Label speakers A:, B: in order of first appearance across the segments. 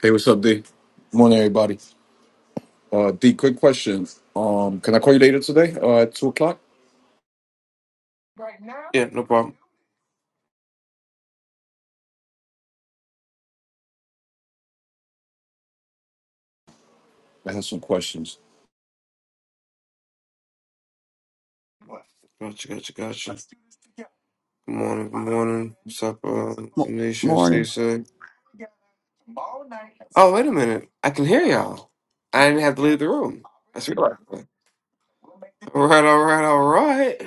A: Hey, what's up, D? Morning, everybody. Uh, D, quick question. Um, can I call you later today? Uh, at two o'clock?
B: Yeah, no problem.
A: I have some questions.
B: Gotcha, gotcha, gotcha. Good morning, good morning. What's up, uh, Anisha,
C: Morning.
B: Stacey? Oh, wait a minute. I can hear y'all. I didn't have to leave the room. That's real. All right, all right, all right.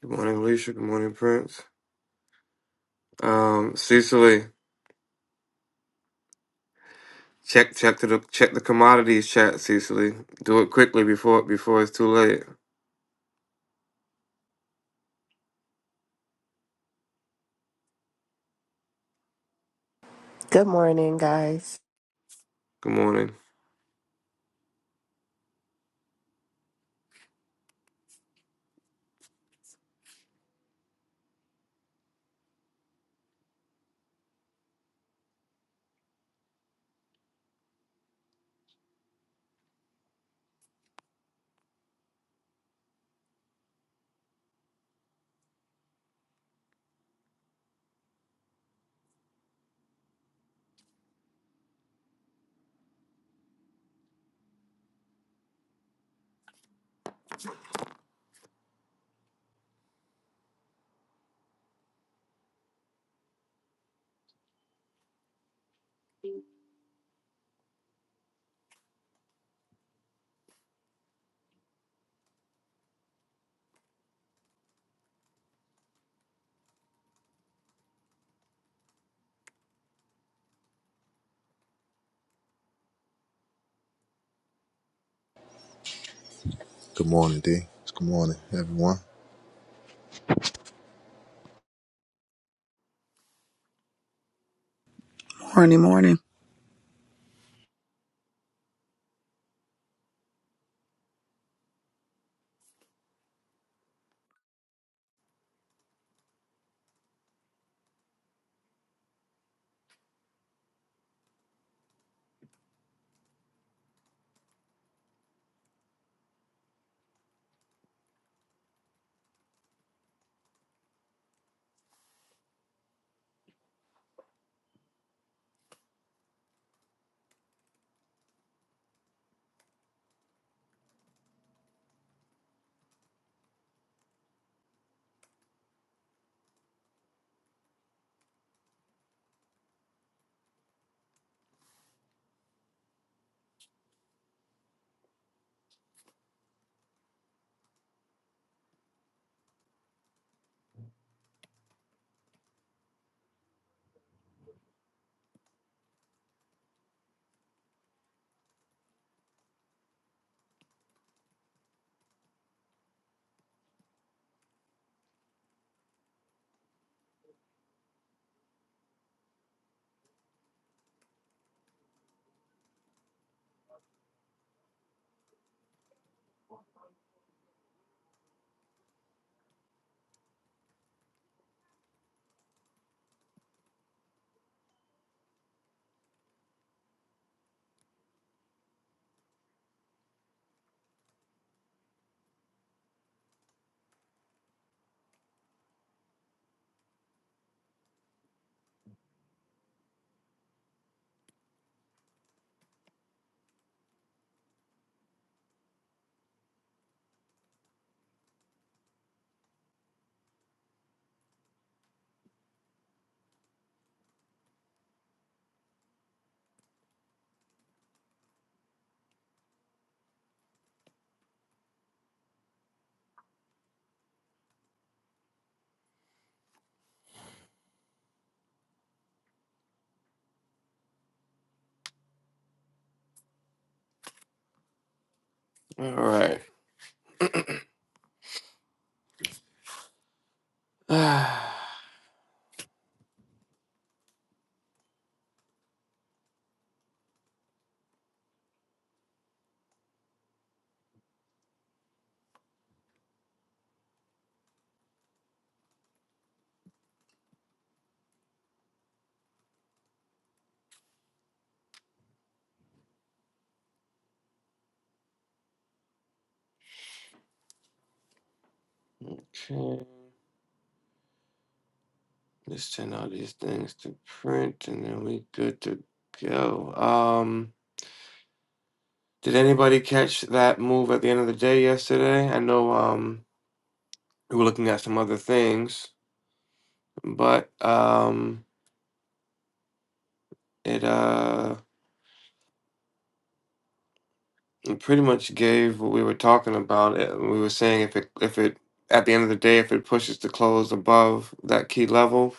B: Good morning, Alicia. Good morning, Prince. Um, Cecily, check check to the check the commodities chat, Cecily. Do it quickly before before it's too late.
D: Good morning, guys.
B: Good morning.
E: Good morning, D. Good morning, everyone.
C: Morning, morning.
B: All right. okay. Let's send all these things to print and then we good to go. Um, did anybody catch that move at the end of the day yesterday? I know um we were looking at some other things, but um it uh it pretty much gave what we were talking about. It, we were saying if it if it at the end of the day if it pushes to close above that key level,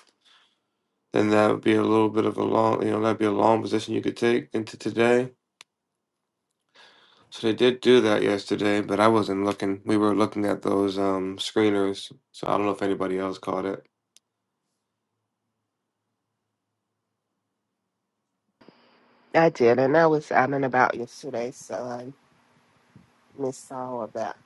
B: then that would be a little bit of a long you know that'd be a long position you could take into today. So they did do that yesterday, but I wasn't looking. We were looking at those um screeners, so I don't know if anybody else caught it.
D: I did, and I was out and about yesterday, so I missed all of that.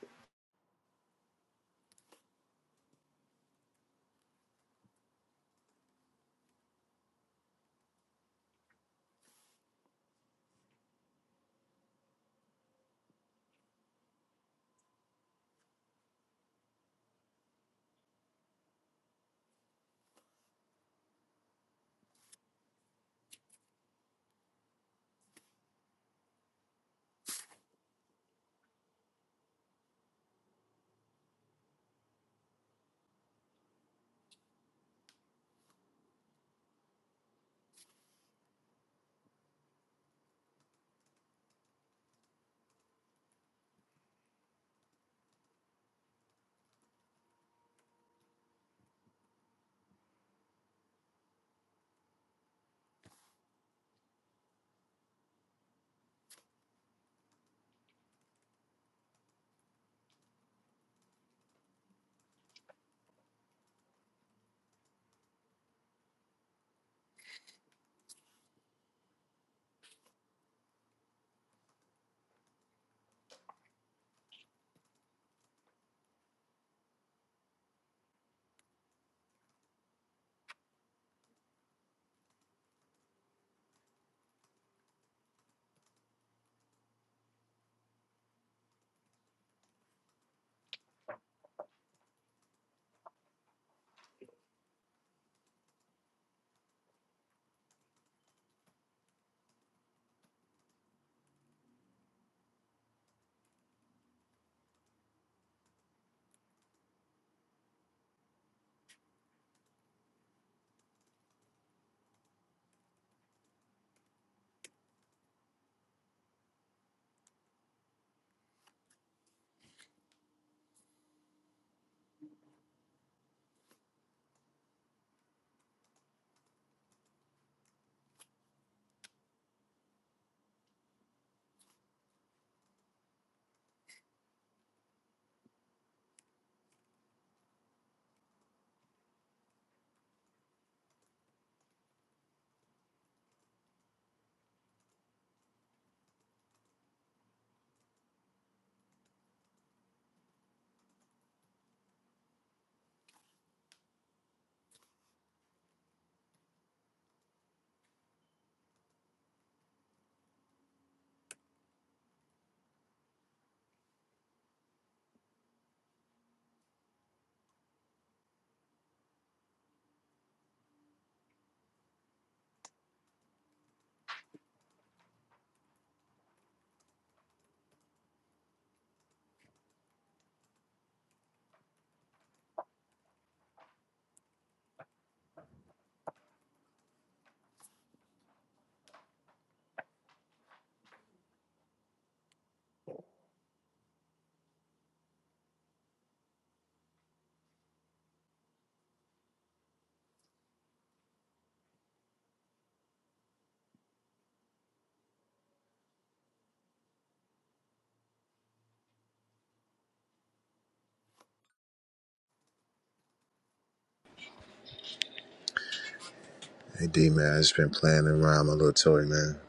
E: Hey, D, man, I just been playing around my little toy, man.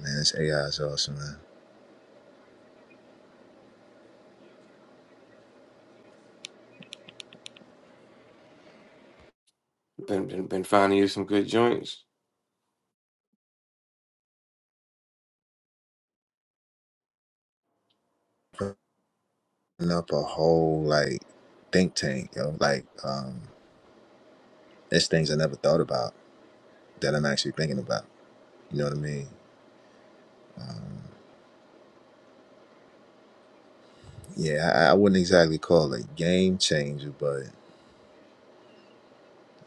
E: Man, this AI is awesome, man.
B: Been been, been finding you some good joints.
E: Putting up a whole, like, think tank, yo. Like, um, there's things I never thought about that I'm actually thinking about. You know what I mean? Yeah, I, I wouldn't exactly call it game changer, but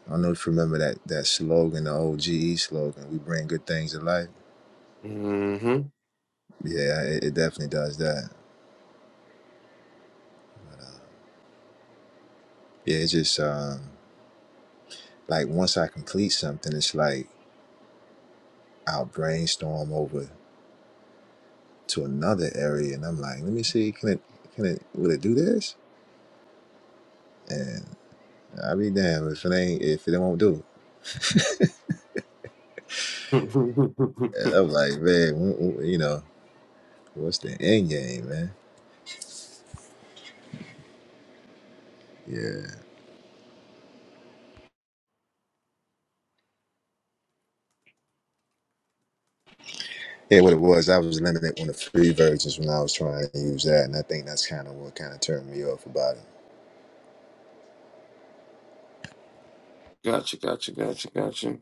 E: I don't know if you remember that, that slogan, the old GE slogan, we bring good things to life.
B: Mm-hmm.
E: Yeah, it, it definitely does that. uh, yeah, it's just, um, like, once I complete something, it's like, I'll brainstorm over to another area, and I'm like, let me see, can it, can it, will it do this? And I'll be damned if it ain't, if it won't do. it. And I'm like, man, wh- wh- you know, what's the end game, man? Yeah, yeah. What it was, I was limited on the free versions when I was trying to use that, and I think that's kind of what kind of turned me off about it.
B: gotcha, gotcha, gotcha, gotcha.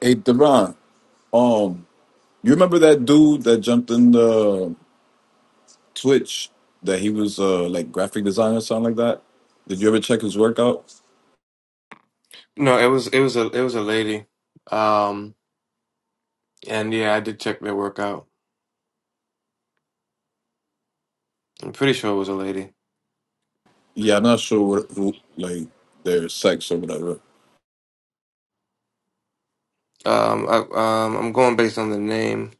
A: Hey, Deron, um, you remember that dude that jumped in the Twitch that he was uh like graphic designer, something like that? Did you ever check his work out?
B: No, it was it was a it was a lady. Um, and yeah, I did check their workout. I'm pretty sure it was a lady.
A: Yeah, I'm not sure what who like their sex or whatever.
B: Um, I, um, I'm going based on the name.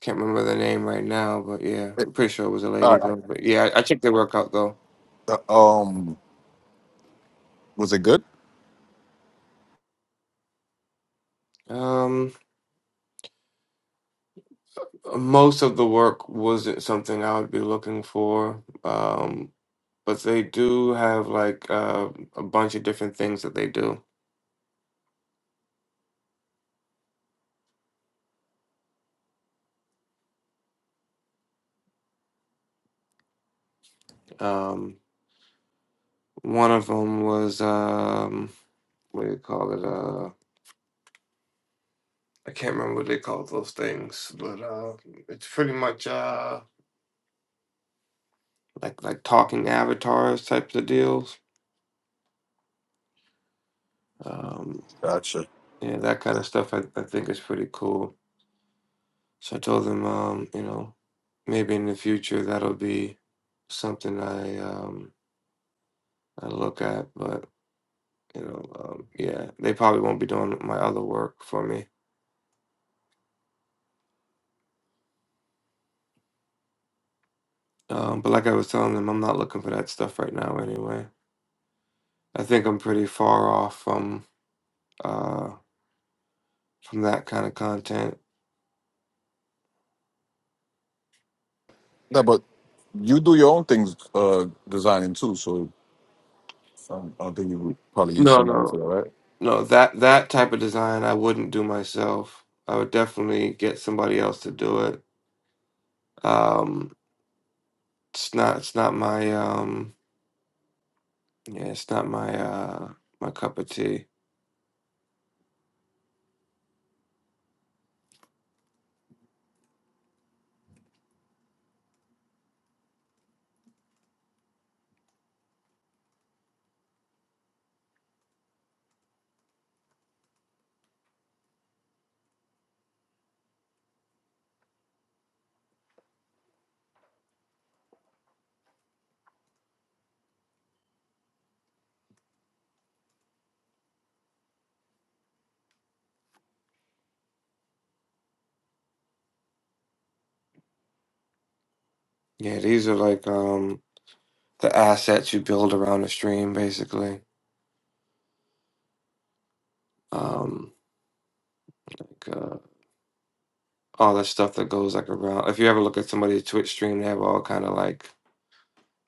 B: Can't remember the name right now, but yeah,
A: Eh,
B: I'm pretty sure it was a lady
A: All right.
B: though. But yeah, I, I checked their workout though.
A: Uh, um, was it good?
B: Um. Most of the work wasn't something I would be looking for, um, but they do have like uh, a bunch of different things that they do. Um, one of them was um, what do you call it? Uh, I can't remember what they call those things, but uh, it's pretty much uh, like like talking avatars types of deals. Um,
A: Gotcha.
B: yeah, that kind of stuff I, I think is pretty cool. So I told him, um, you know, maybe in the future that'll be something I um I look at, but you know, um, yeah, they probably won't be doing my other work for me. Um, but like I was telling them, I'm not looking for that stuff right now anyway. I think I'm pretty far off from uh from that kind of content.
A: No, but you do your own things, uh, designing too. So I I don't think you would probably use
B: No,
A: somebody for
B: no.
A: that, right?
B: No, that that type of design I wouldn't do myself. I would definitely get somebody else to do it. Um, it's not it's not my um Yeah, it's not my uh my cup of tea. Yeah, these are like um the assets you build around a stream basically. Um like uh all the stuff that goes like around if you ever look at somebody's Twitch stream, they have all kind of like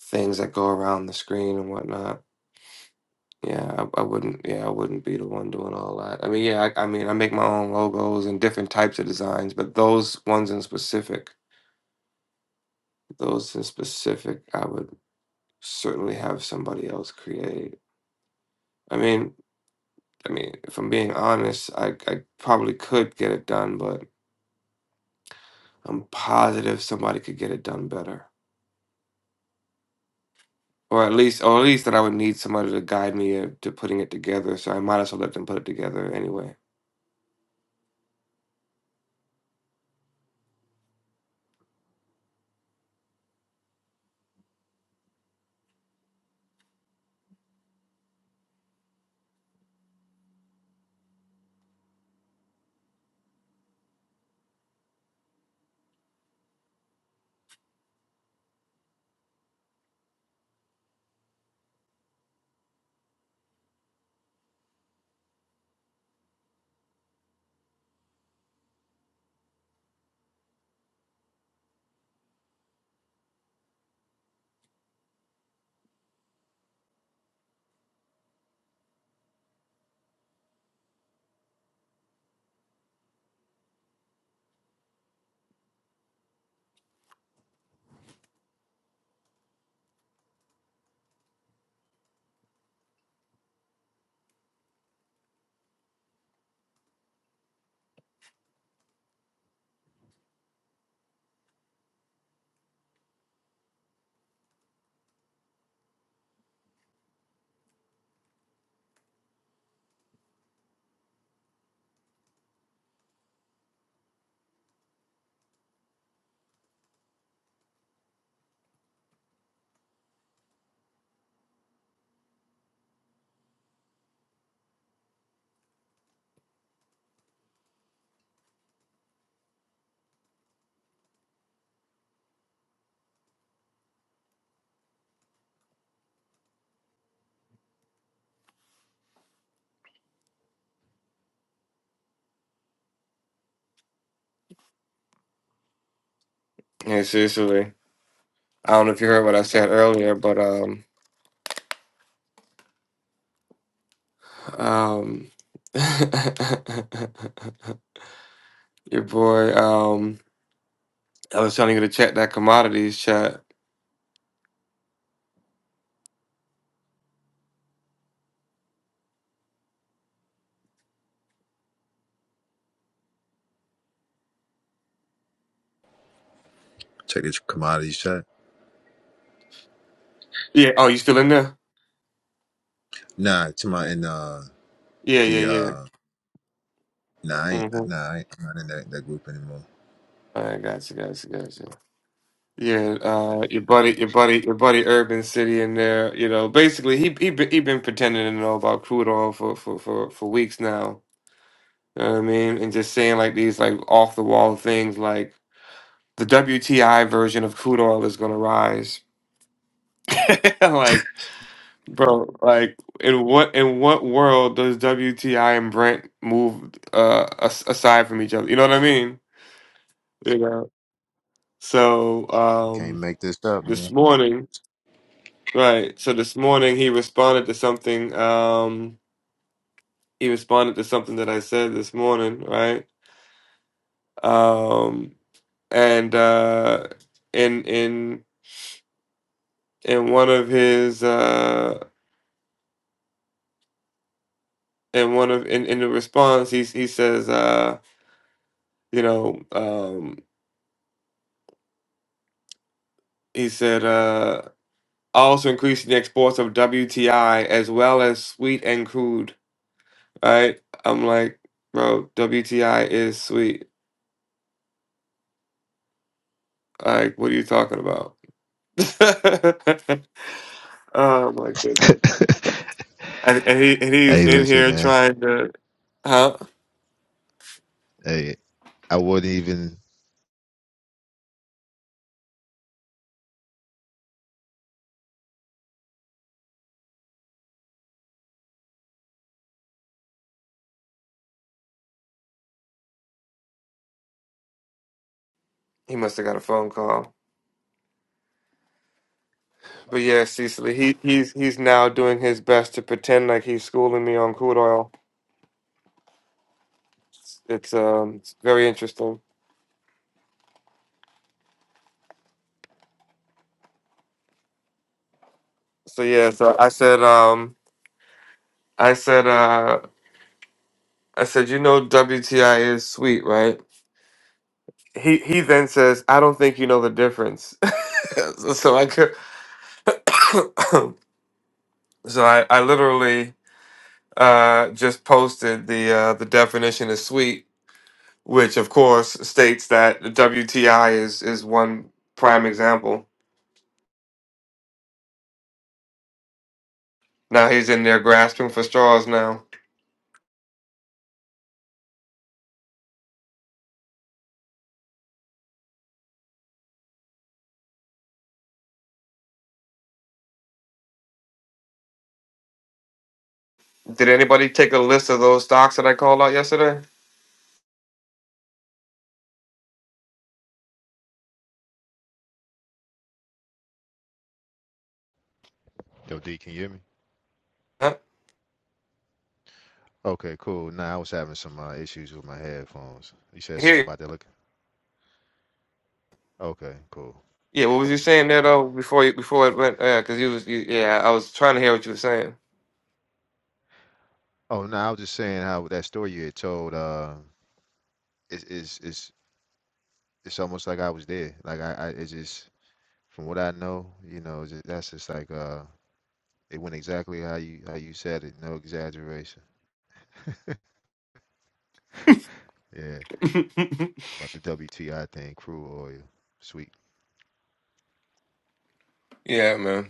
B: things that go around the screen and whatnot. Yeah, I, I wouldn't yeah, I wouldn't be the one doing all that. I mean, yeah, I, I mean I make my own logos and different types of designs, but those ones in specific, those in specific I would certainly have somebody else create. I mean I mean, if I'm being honest, I, I probably could get it done, but I'm positive somebody could get it done better. Or at least, or at least that I would need somebody to guide me uh, to putting it together. So I might as well let them put it together anyway. Yeah, seriously. I don't know if you heard what I said earlier, but um, um, your boy, um, I was telling you to check that commodities chat.
E: Check this commodity shot.
B: Yeah. Oh, you still in there?
E: Nah, to my and uh
B: Yeah, yeah,
E: the
B: yeah.
E: uh nah, I ain't,
B: Mm-hmm.
E: nah, I ain't, I'm not in that, that group anymore.
B: All right, gotcha, gotcha, gotcha. Yeah, uh, your buddy, your buddy, your buddy, Urban City in there. You know, basically, he he be- he been pretending to know about crude oil for for for for weeks now. You know what I mean, and just saying like these like off the wall things like the WTI version of crude oil is gonna rise. like, bro, like in what in what world does WTI and Brent move uh as- aside from each other? You know what I mean? You know. So
E: Can't
B: um,
E: make this up, man.
B: this morning. Right. So this morning he responded to something. Um, he responded to something that I said this morning, right? Um, and uh, in in in one of his uh, in one of in, in the response, he he says, uh, you know, um, he said, uh, also increasing the exports of WTI as well as sweet and crude, right? I'm like, bro, WTI is sweet. Like, what are you talking about? oh my goodness. And, and he and he's
E: hey,
B: in
E: listen,
B: here
E: man.
B: trying to huh?
E: Hey, I wouldn't even.
B: He must have got a phone call. But yeah, Cecily, he he's he's now doing his best to pretend like he's schooling me on crude oil. It's um it's very interesting. So yeah, so I said um I said uh I said you know WTI is sweet, right? He he then says, I don't think you know the difference. so so I could so I, I literally uh, just posted the uh, the definition of sweet, which of course states that the WTI is is one prime example. Now he's in there grasping for straws. Now, did anybody take a list of those stocks that I called out yesterday?
E: Yo, D, can you hear me?
B: Huh?
E: Okay, cool. Nah, I was having some uh, issues with my headphones. You said something
B: Here,
E: about that look. Okay, cool.
B: yeah. What was you saying there though? Before you, before it went, yeah, because you was, you, yeah, I was trying to hear what you were saying.
E: Oh, no, I was just saying how that story you had told. Uh, is is is it's almost like I was there. Like I, I, it's just from what I know, you know, it's just, that's just like uh, it went exactly how you how you said it. No exaggeration. Yeah, about the WTI thing, crude oil, sweet.
B: Yeah, man.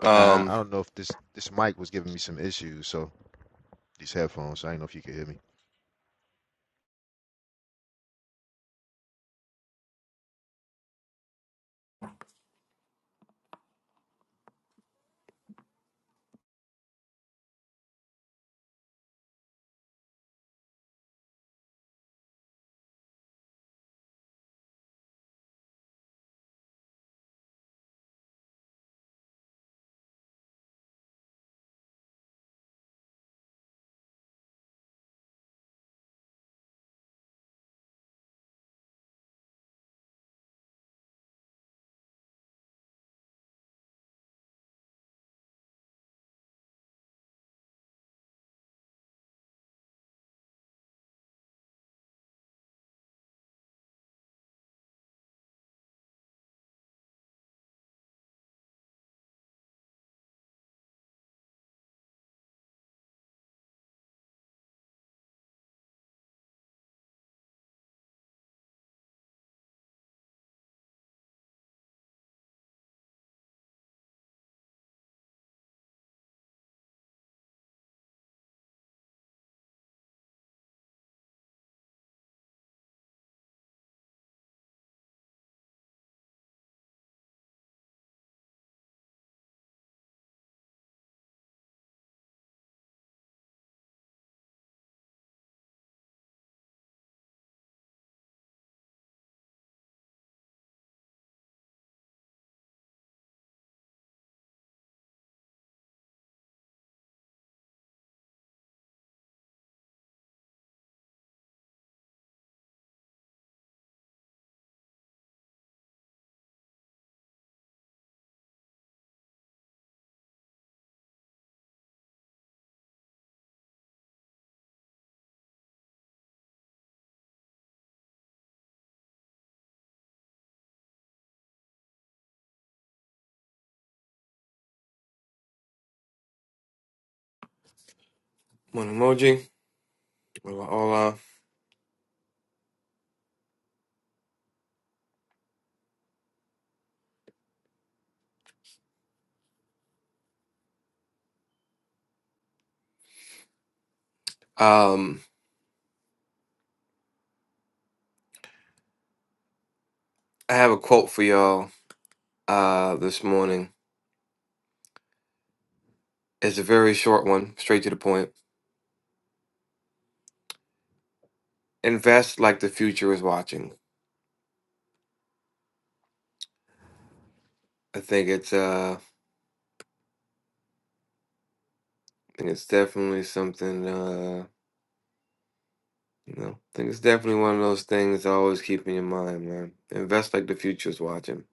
E: But nah,
B: Um,
E: I don't know if this this mic was giving me some issues. So these headphones, I don't know if you could hear me.
B: one emoji. Hola. Um, I have a quote for y'all uh this morning It's a very short one, straight to the point. Invest like the future is watching. I think it's uh I think it's definitely something uh you know, I think it's definitely one of those things to always keep in your mind, man. Invest like the future is watching.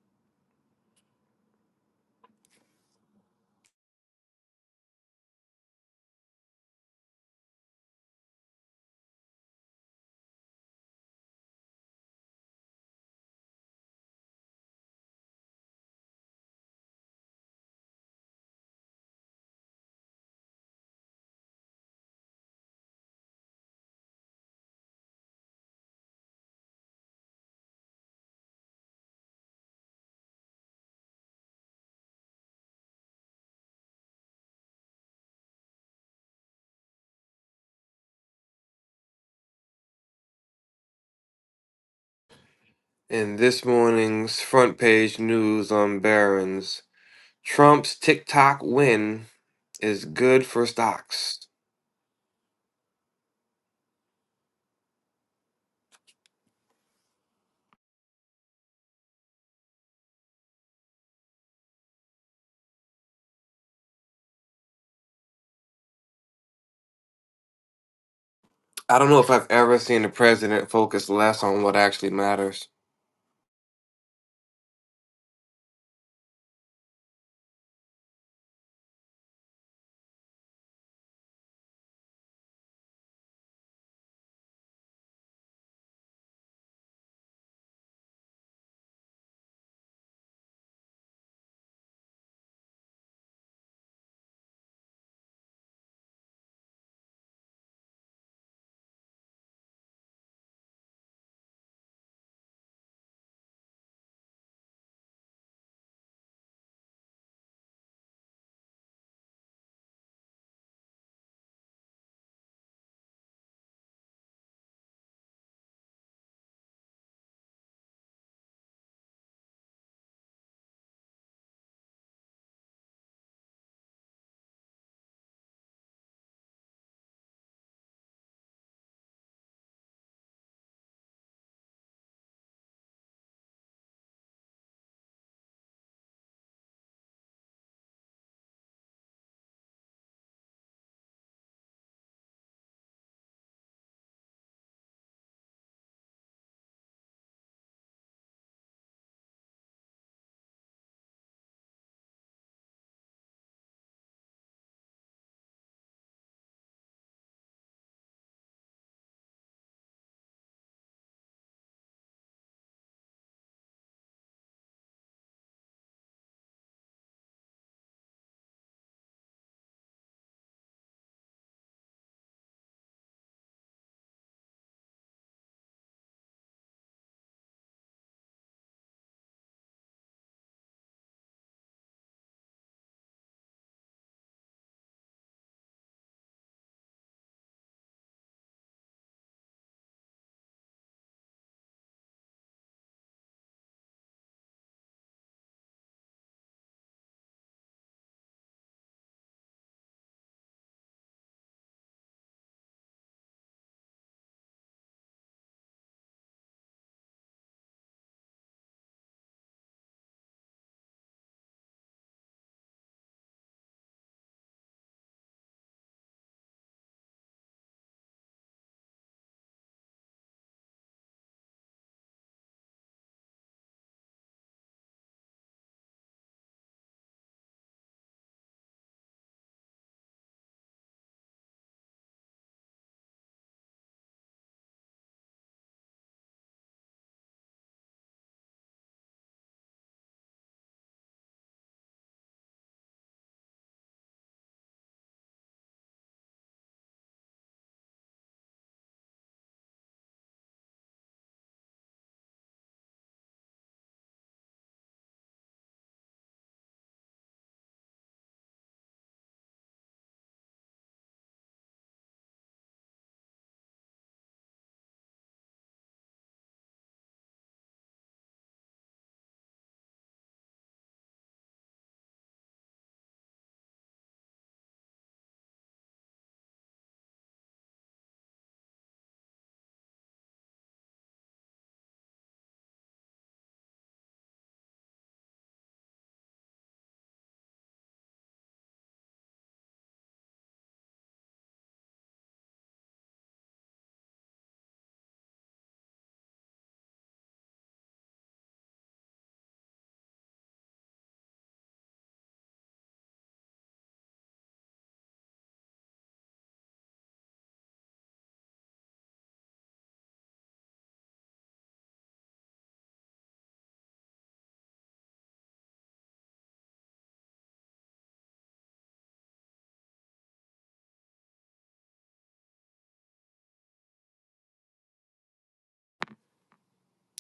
B: In this morning's front page news on Barron's, Trump's TikTok win is good for stocks. I don't know if I've ever seen the president focus less on what actually matters.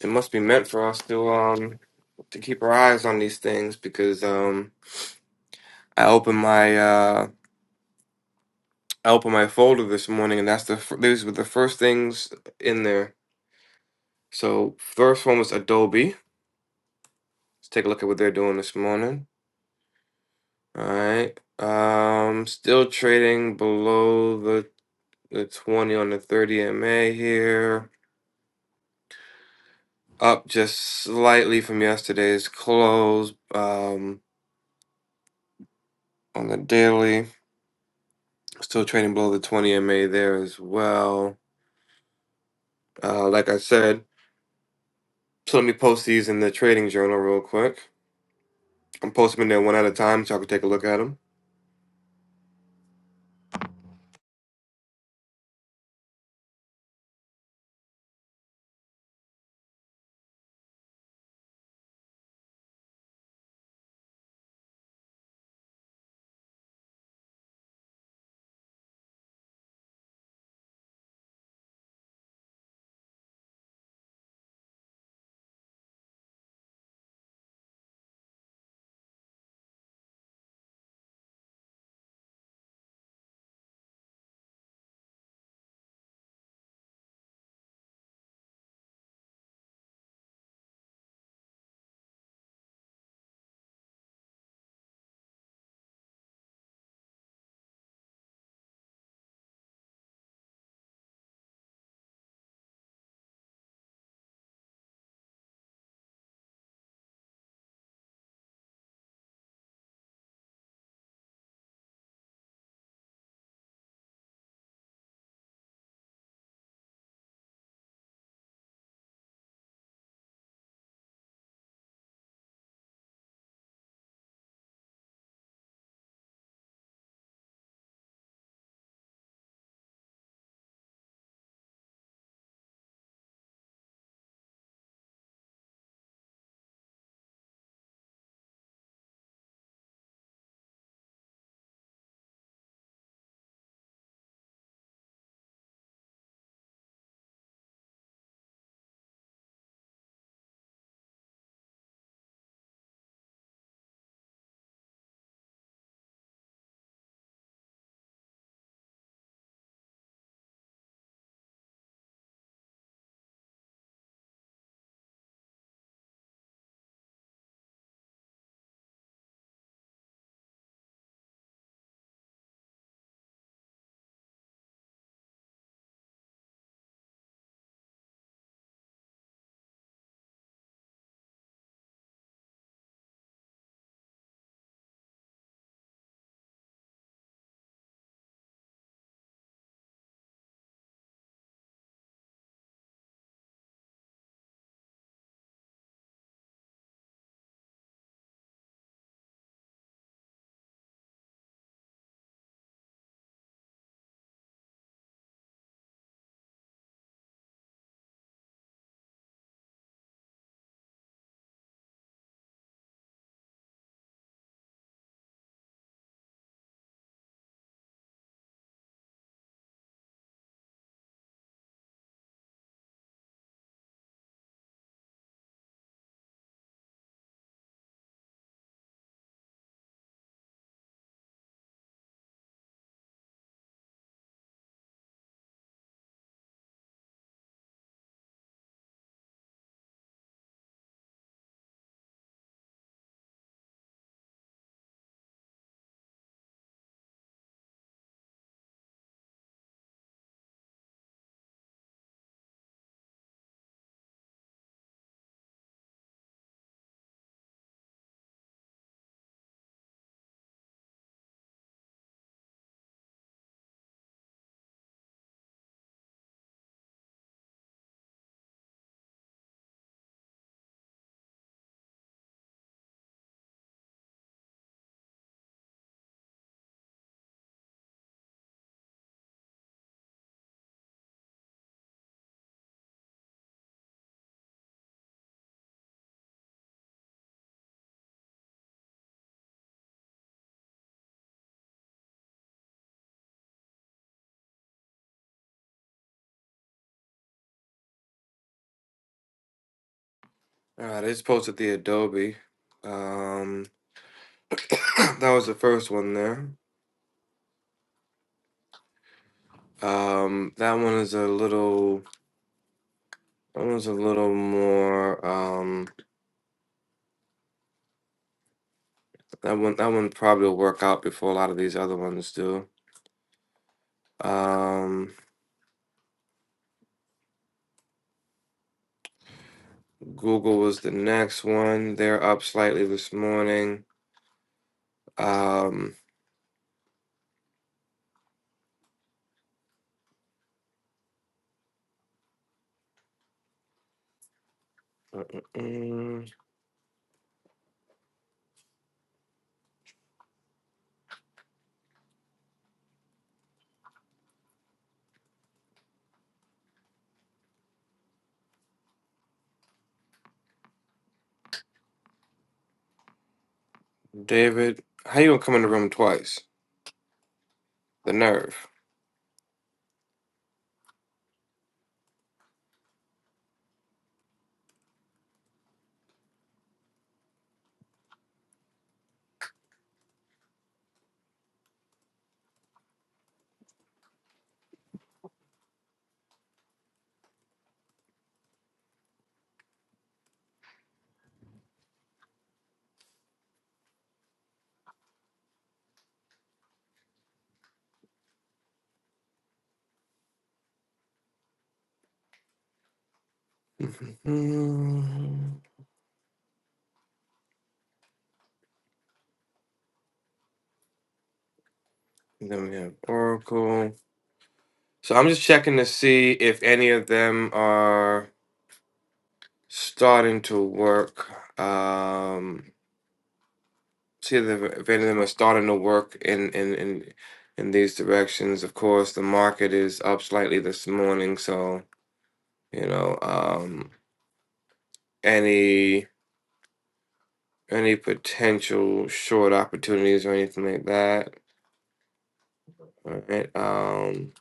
B: it must be meant for us to um to keep our eyes on these things because um I opened my uh I opened my folder this morning and that's the fir- these were the first things in there. So first one was Adobe. Let's take a look at what they're doing this morning. All right. Um still trading below the the 20 on the 30 MA here. Up just slightly from yesterday's close um on the daily. Still trading below the 20 MA there as well. Uh, like I said, so let me post these in the trading journal real quick. I'm posting them in there one at a time so I can take a look at them. All right, I just posted the Adobe. Um, that was the first one there. Um, that one is a little. That one's a little more. Um, that one. That one probably will work out before a lot of these other ones do. Um, Google was the next one. They're up slightly this morning. Um. Mm-mm-mm. David, how you gonna come in the room twice? The nerve. Mm-mm. Then we have Oracle. So I'm just checking to see if any of them are starting to work. Um, see if, if any of them are starting to work in in in in these directions. Of course, the market is up slightly this morning, so you know, um, any any potential short opportunities or anything like that. All right. Um,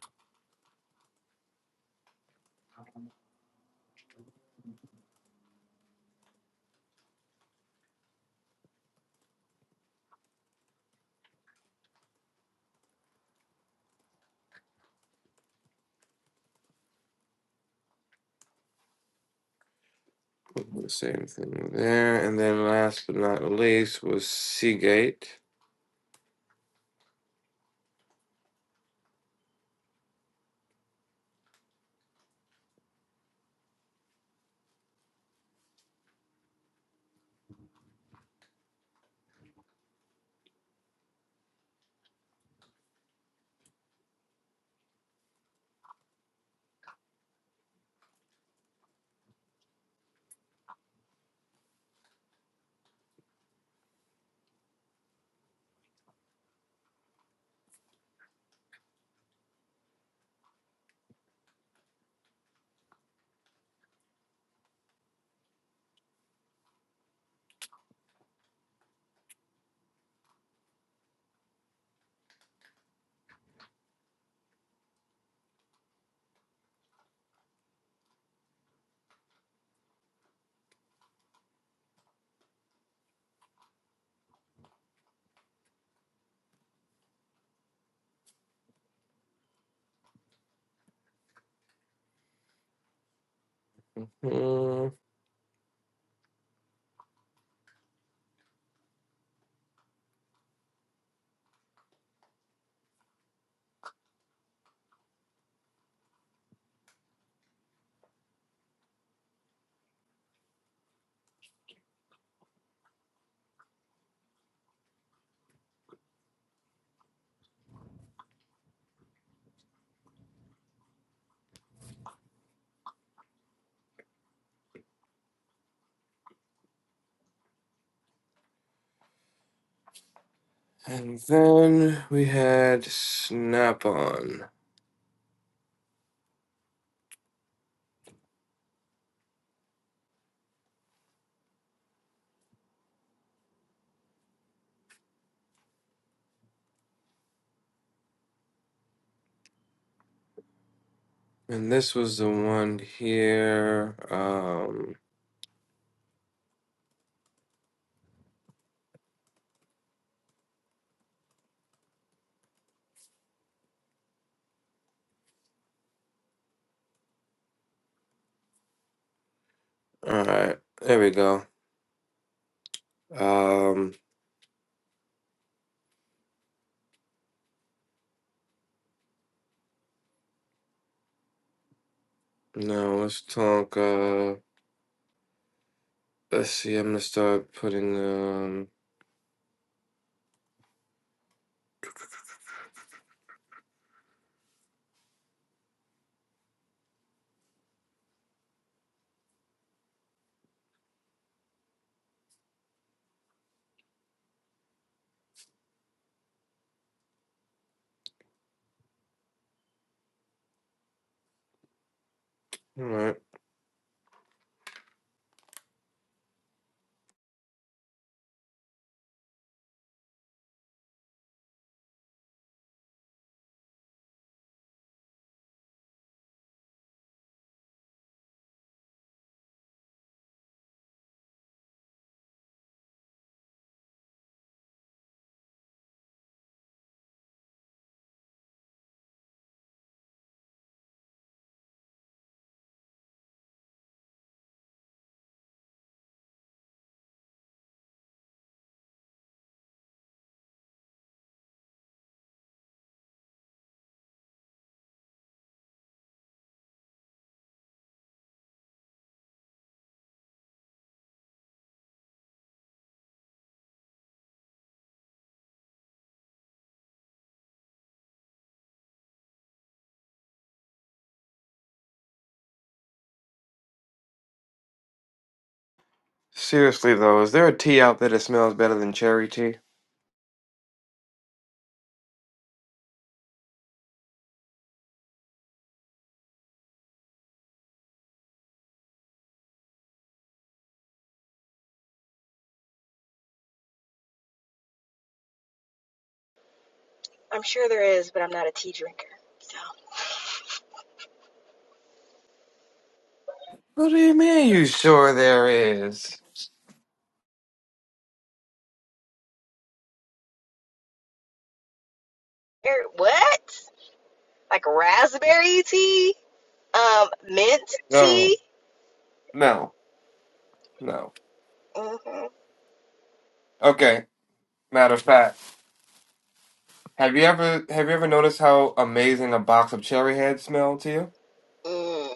B: I'm not gonna say anything there. And then last but not least was Seagate. Uh, and then we had Snap on. And this was the one here. Um, all right. There we go. Um, now let's talk. Uh, Let's see. I'm gonna start putting, um, all right. Seriously though, is there a tea out there that smells better than cherry tea?
F: I'm sure there is, but I'm not a tea drinker. So,
B: What do you mean you sure there is?
F: er, what? Like raspberry tea? Um, mint
B: No,
F: tea?
B: no, no.
F: Mm-hmm.
B: Okay. Matter of fact, have you ever have you ever noticed how amazing a box of cherry heads smell to you?
F: Mm.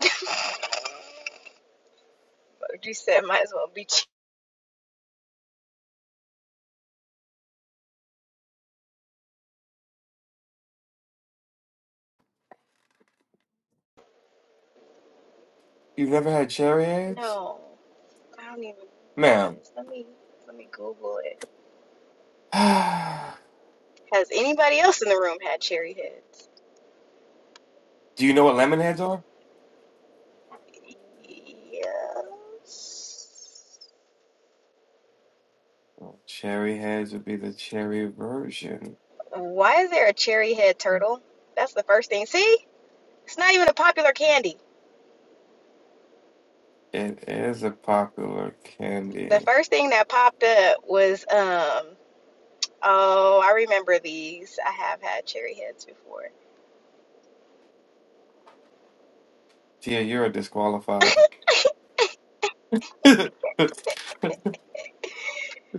F: Like you said, might as well be. Ch-
B: You've never had cherry heads,
F: no, I don't even know what that
B: ma'am.
F: is. Let me let me Google it. Has anybody else in the room had cherry heads?
B: Do you know what lemon heads are?
F: Yes.
B: Cherry heads would be the cherry version.
F: Why is there a cherry head turtle? That's the first thing. See, it's not even a popular candy.
B: It is a popular
F: The
B: candy.
F: first thing that popped up was um oh, I remember these. I have had cherry heads before.
B: Tia, you are disqualified.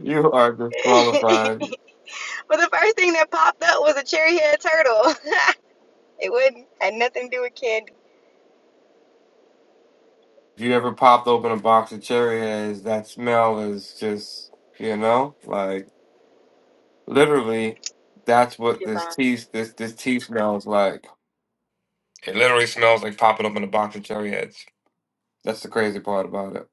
B: You are disqualified.
F: but the first thing that popped up was a cherry head turtle. it wouldn't had nothing to do with candy.
B: If you ever popped open a box of cherry heads, that smell is just, you know, like. Literally, that's what this
F: Goodbye.
B: tea this this tea smells like. It literally smells like popping open a box of cherry heads. That's the crazy part about it.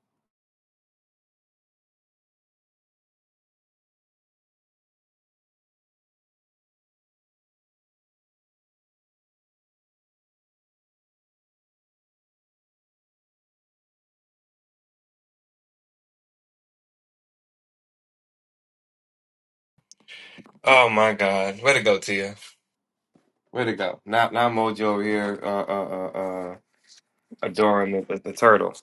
B: Oh my God. Way to go, Tia. Where'd it go? Now, now Mojo over here, uh, uh, uh, uh, adoring the, the, the turtle.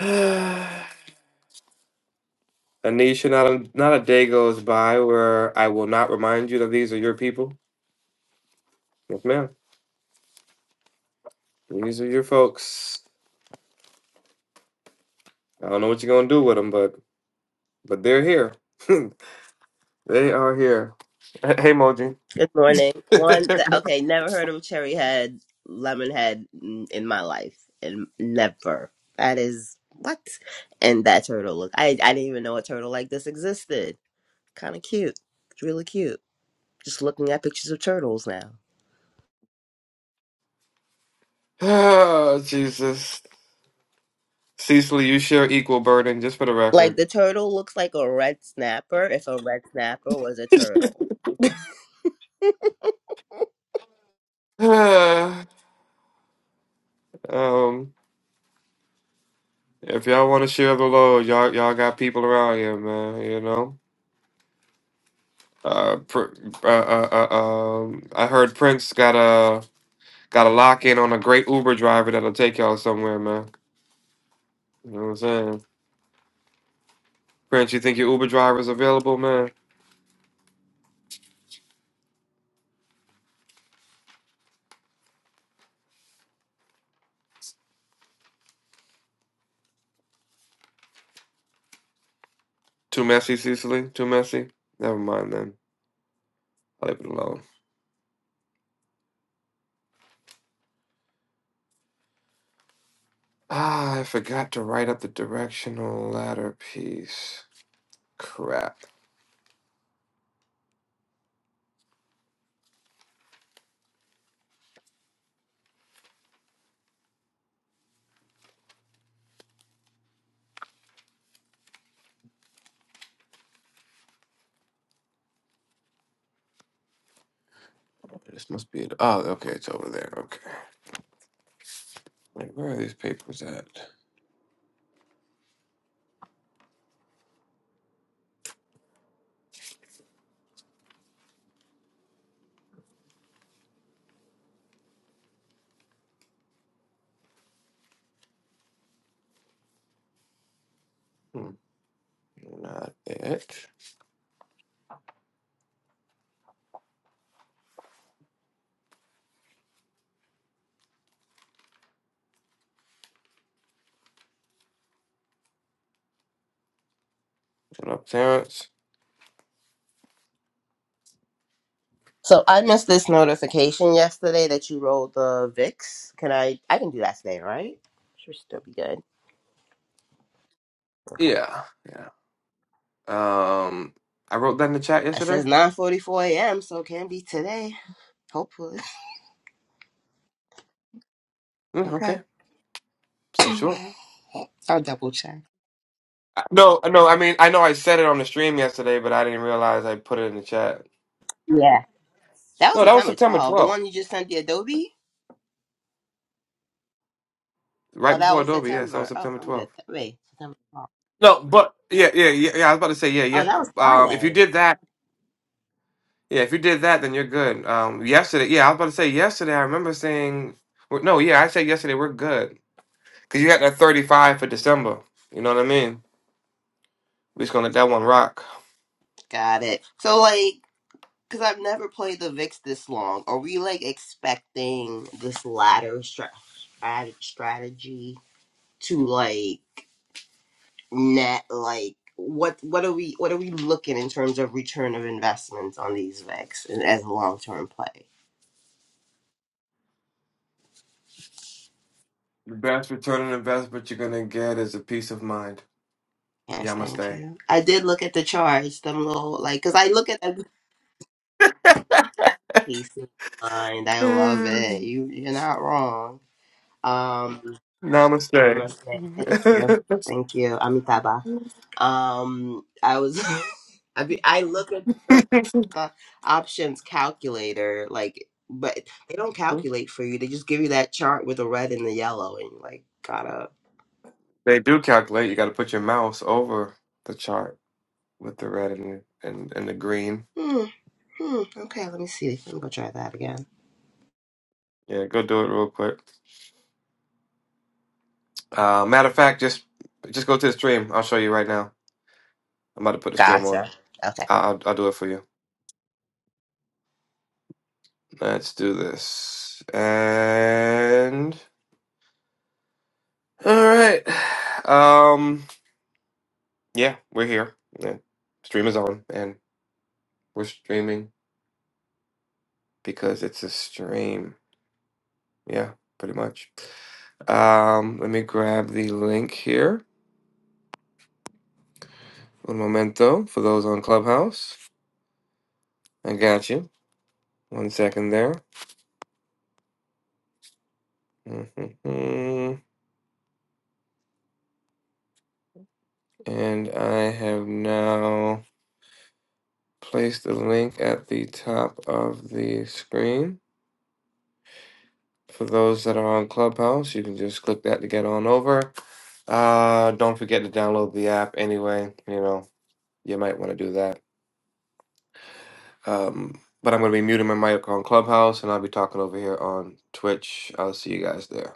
B: Anisha, not a, not a day goes by where I will not remind you that these are your people. Yes, ma'am. These are your folks. I don't know what you're gonna do with them, but but they're here. they are here. Hey, Moji.
G: Good morning. One, th- okay, never heard of cherry head, lemon head in in my life, and never. That is what? And that turtle look. I I didn't even know a turtle like this existed. Kind of cute. It's really cute. Just looking at pictures of turtles now.
B: oh, Jesus. Cecily, you share equal burden, just for the
G: Like
B: record.
G: the turtle looks like a red snapper if a red snapper was a turtle.
B: Ah, um, if y'all want to share the load, y'all y'all got people around here, man. You know. Uh, pr- uh, uh, uh, um, I heard Prince got a got a lock in on a great Uber driver that'll take y'all somewhere, man. You know what I'm saying? Prince, you think your Uber driver's available, man? Too messy, Cecily. Too messy. Never mind then. I'll leave it alone. Ah, I forgot to write up the directional ladder piece. Crap. This must be it. Oh, okay, it's over there. Okay. Wait, where are these papers at? Hmm, not it. What up, Terrence?
G: So I missed this notification yesterday that you rolled the VIX. Can I? I can do that today, right? Should still be good.
B: Yeah, yeah. Um, I wrote that in the chat
G: It says
B: yesterday.
G: 9:44 a.m., so it can be today, hopefully.
B: Mm,
G: Okay.
B: okay, so sure.
G: I'll double check.
B: I- No, no. I mean, I know I said it on the stream yesterday, but I didn't realize I put it in the chat.
G: Yeah. That was
B: No, that was
G: September
B: September
G: 12. The
B: twelfth,
G: one you just sent the Adobe?
B: right
G: Oh, that
B: before
G: was
B: Adobe. Yes, that was
G: September. Oh,
B: September
G: I'm good.
B: twelfth.
G: Wait, September 12.
B: No, but yeah, yeah, yeah, yeah. I was about to say, yeah,
G: Oh,
B: yeah.
G: that was
B: Um, if you
G: Friday.
B: did that. Yeah, if you did that, then you're good. Um, yesterday, yeah, I was about to say yesterday. I remember saying, well, no, yeah, I said yesterday we're good because you got that 35 for December. You know what I mean? We're just gonna let that one rock.
G: Got it. So, like, because I've never played the VIX this long, are we, like, expecting this ladder stra- strat- strategy to, like, net, like, what what are we what are we looking in terms of return of investments on these VIX and as a long term play?
B: The best return on investment you're gonna get is a peace of mind.
G: Yes, thank
B: Namaste.
G: you. I did look at the charts, them little like, cause I look at that piece. of Mind, I love it. You, you're not wrong. Um,
B: Mm. Namaste.
G: namaste. Thank you, thank you, Amitabha. Um, I was, I be, I look at the, the options calculator, like, but they don't calculate for you. They just give you that chart with the red and the yellow, and you like gotta.
B: they do calculate. You got to put your mouse over the chart with the red and and, and the green.
G: Hmm. hmm okay, let me see. Let me go try that again.
B: Yeah, go do it real quick. Uh, matter of fact, just just go to the stream. I'll show you right now. I'm about to put the stream on.
G: Gotcha.
B: I- I'll, I'll do it for you. Let's do this. And all right. Um. Yeah, we're here. Yeah. Stream is on, and we're streaming because it's a stream. Yeah, pretty much. Um. Let me grab the link here. Un momento for those on Clubhouse. I got you. One second there. hmm And I have now. place the link at the top of the screen. For those that are on Clubhouse, you can just click that to get on over. Uh, don't forget to download the app anyway. You know, you might want to do that. Um, but I'm going to be muting my mic on Clubhouse and I'll be talking over here on Twitch. I'll see you guys there.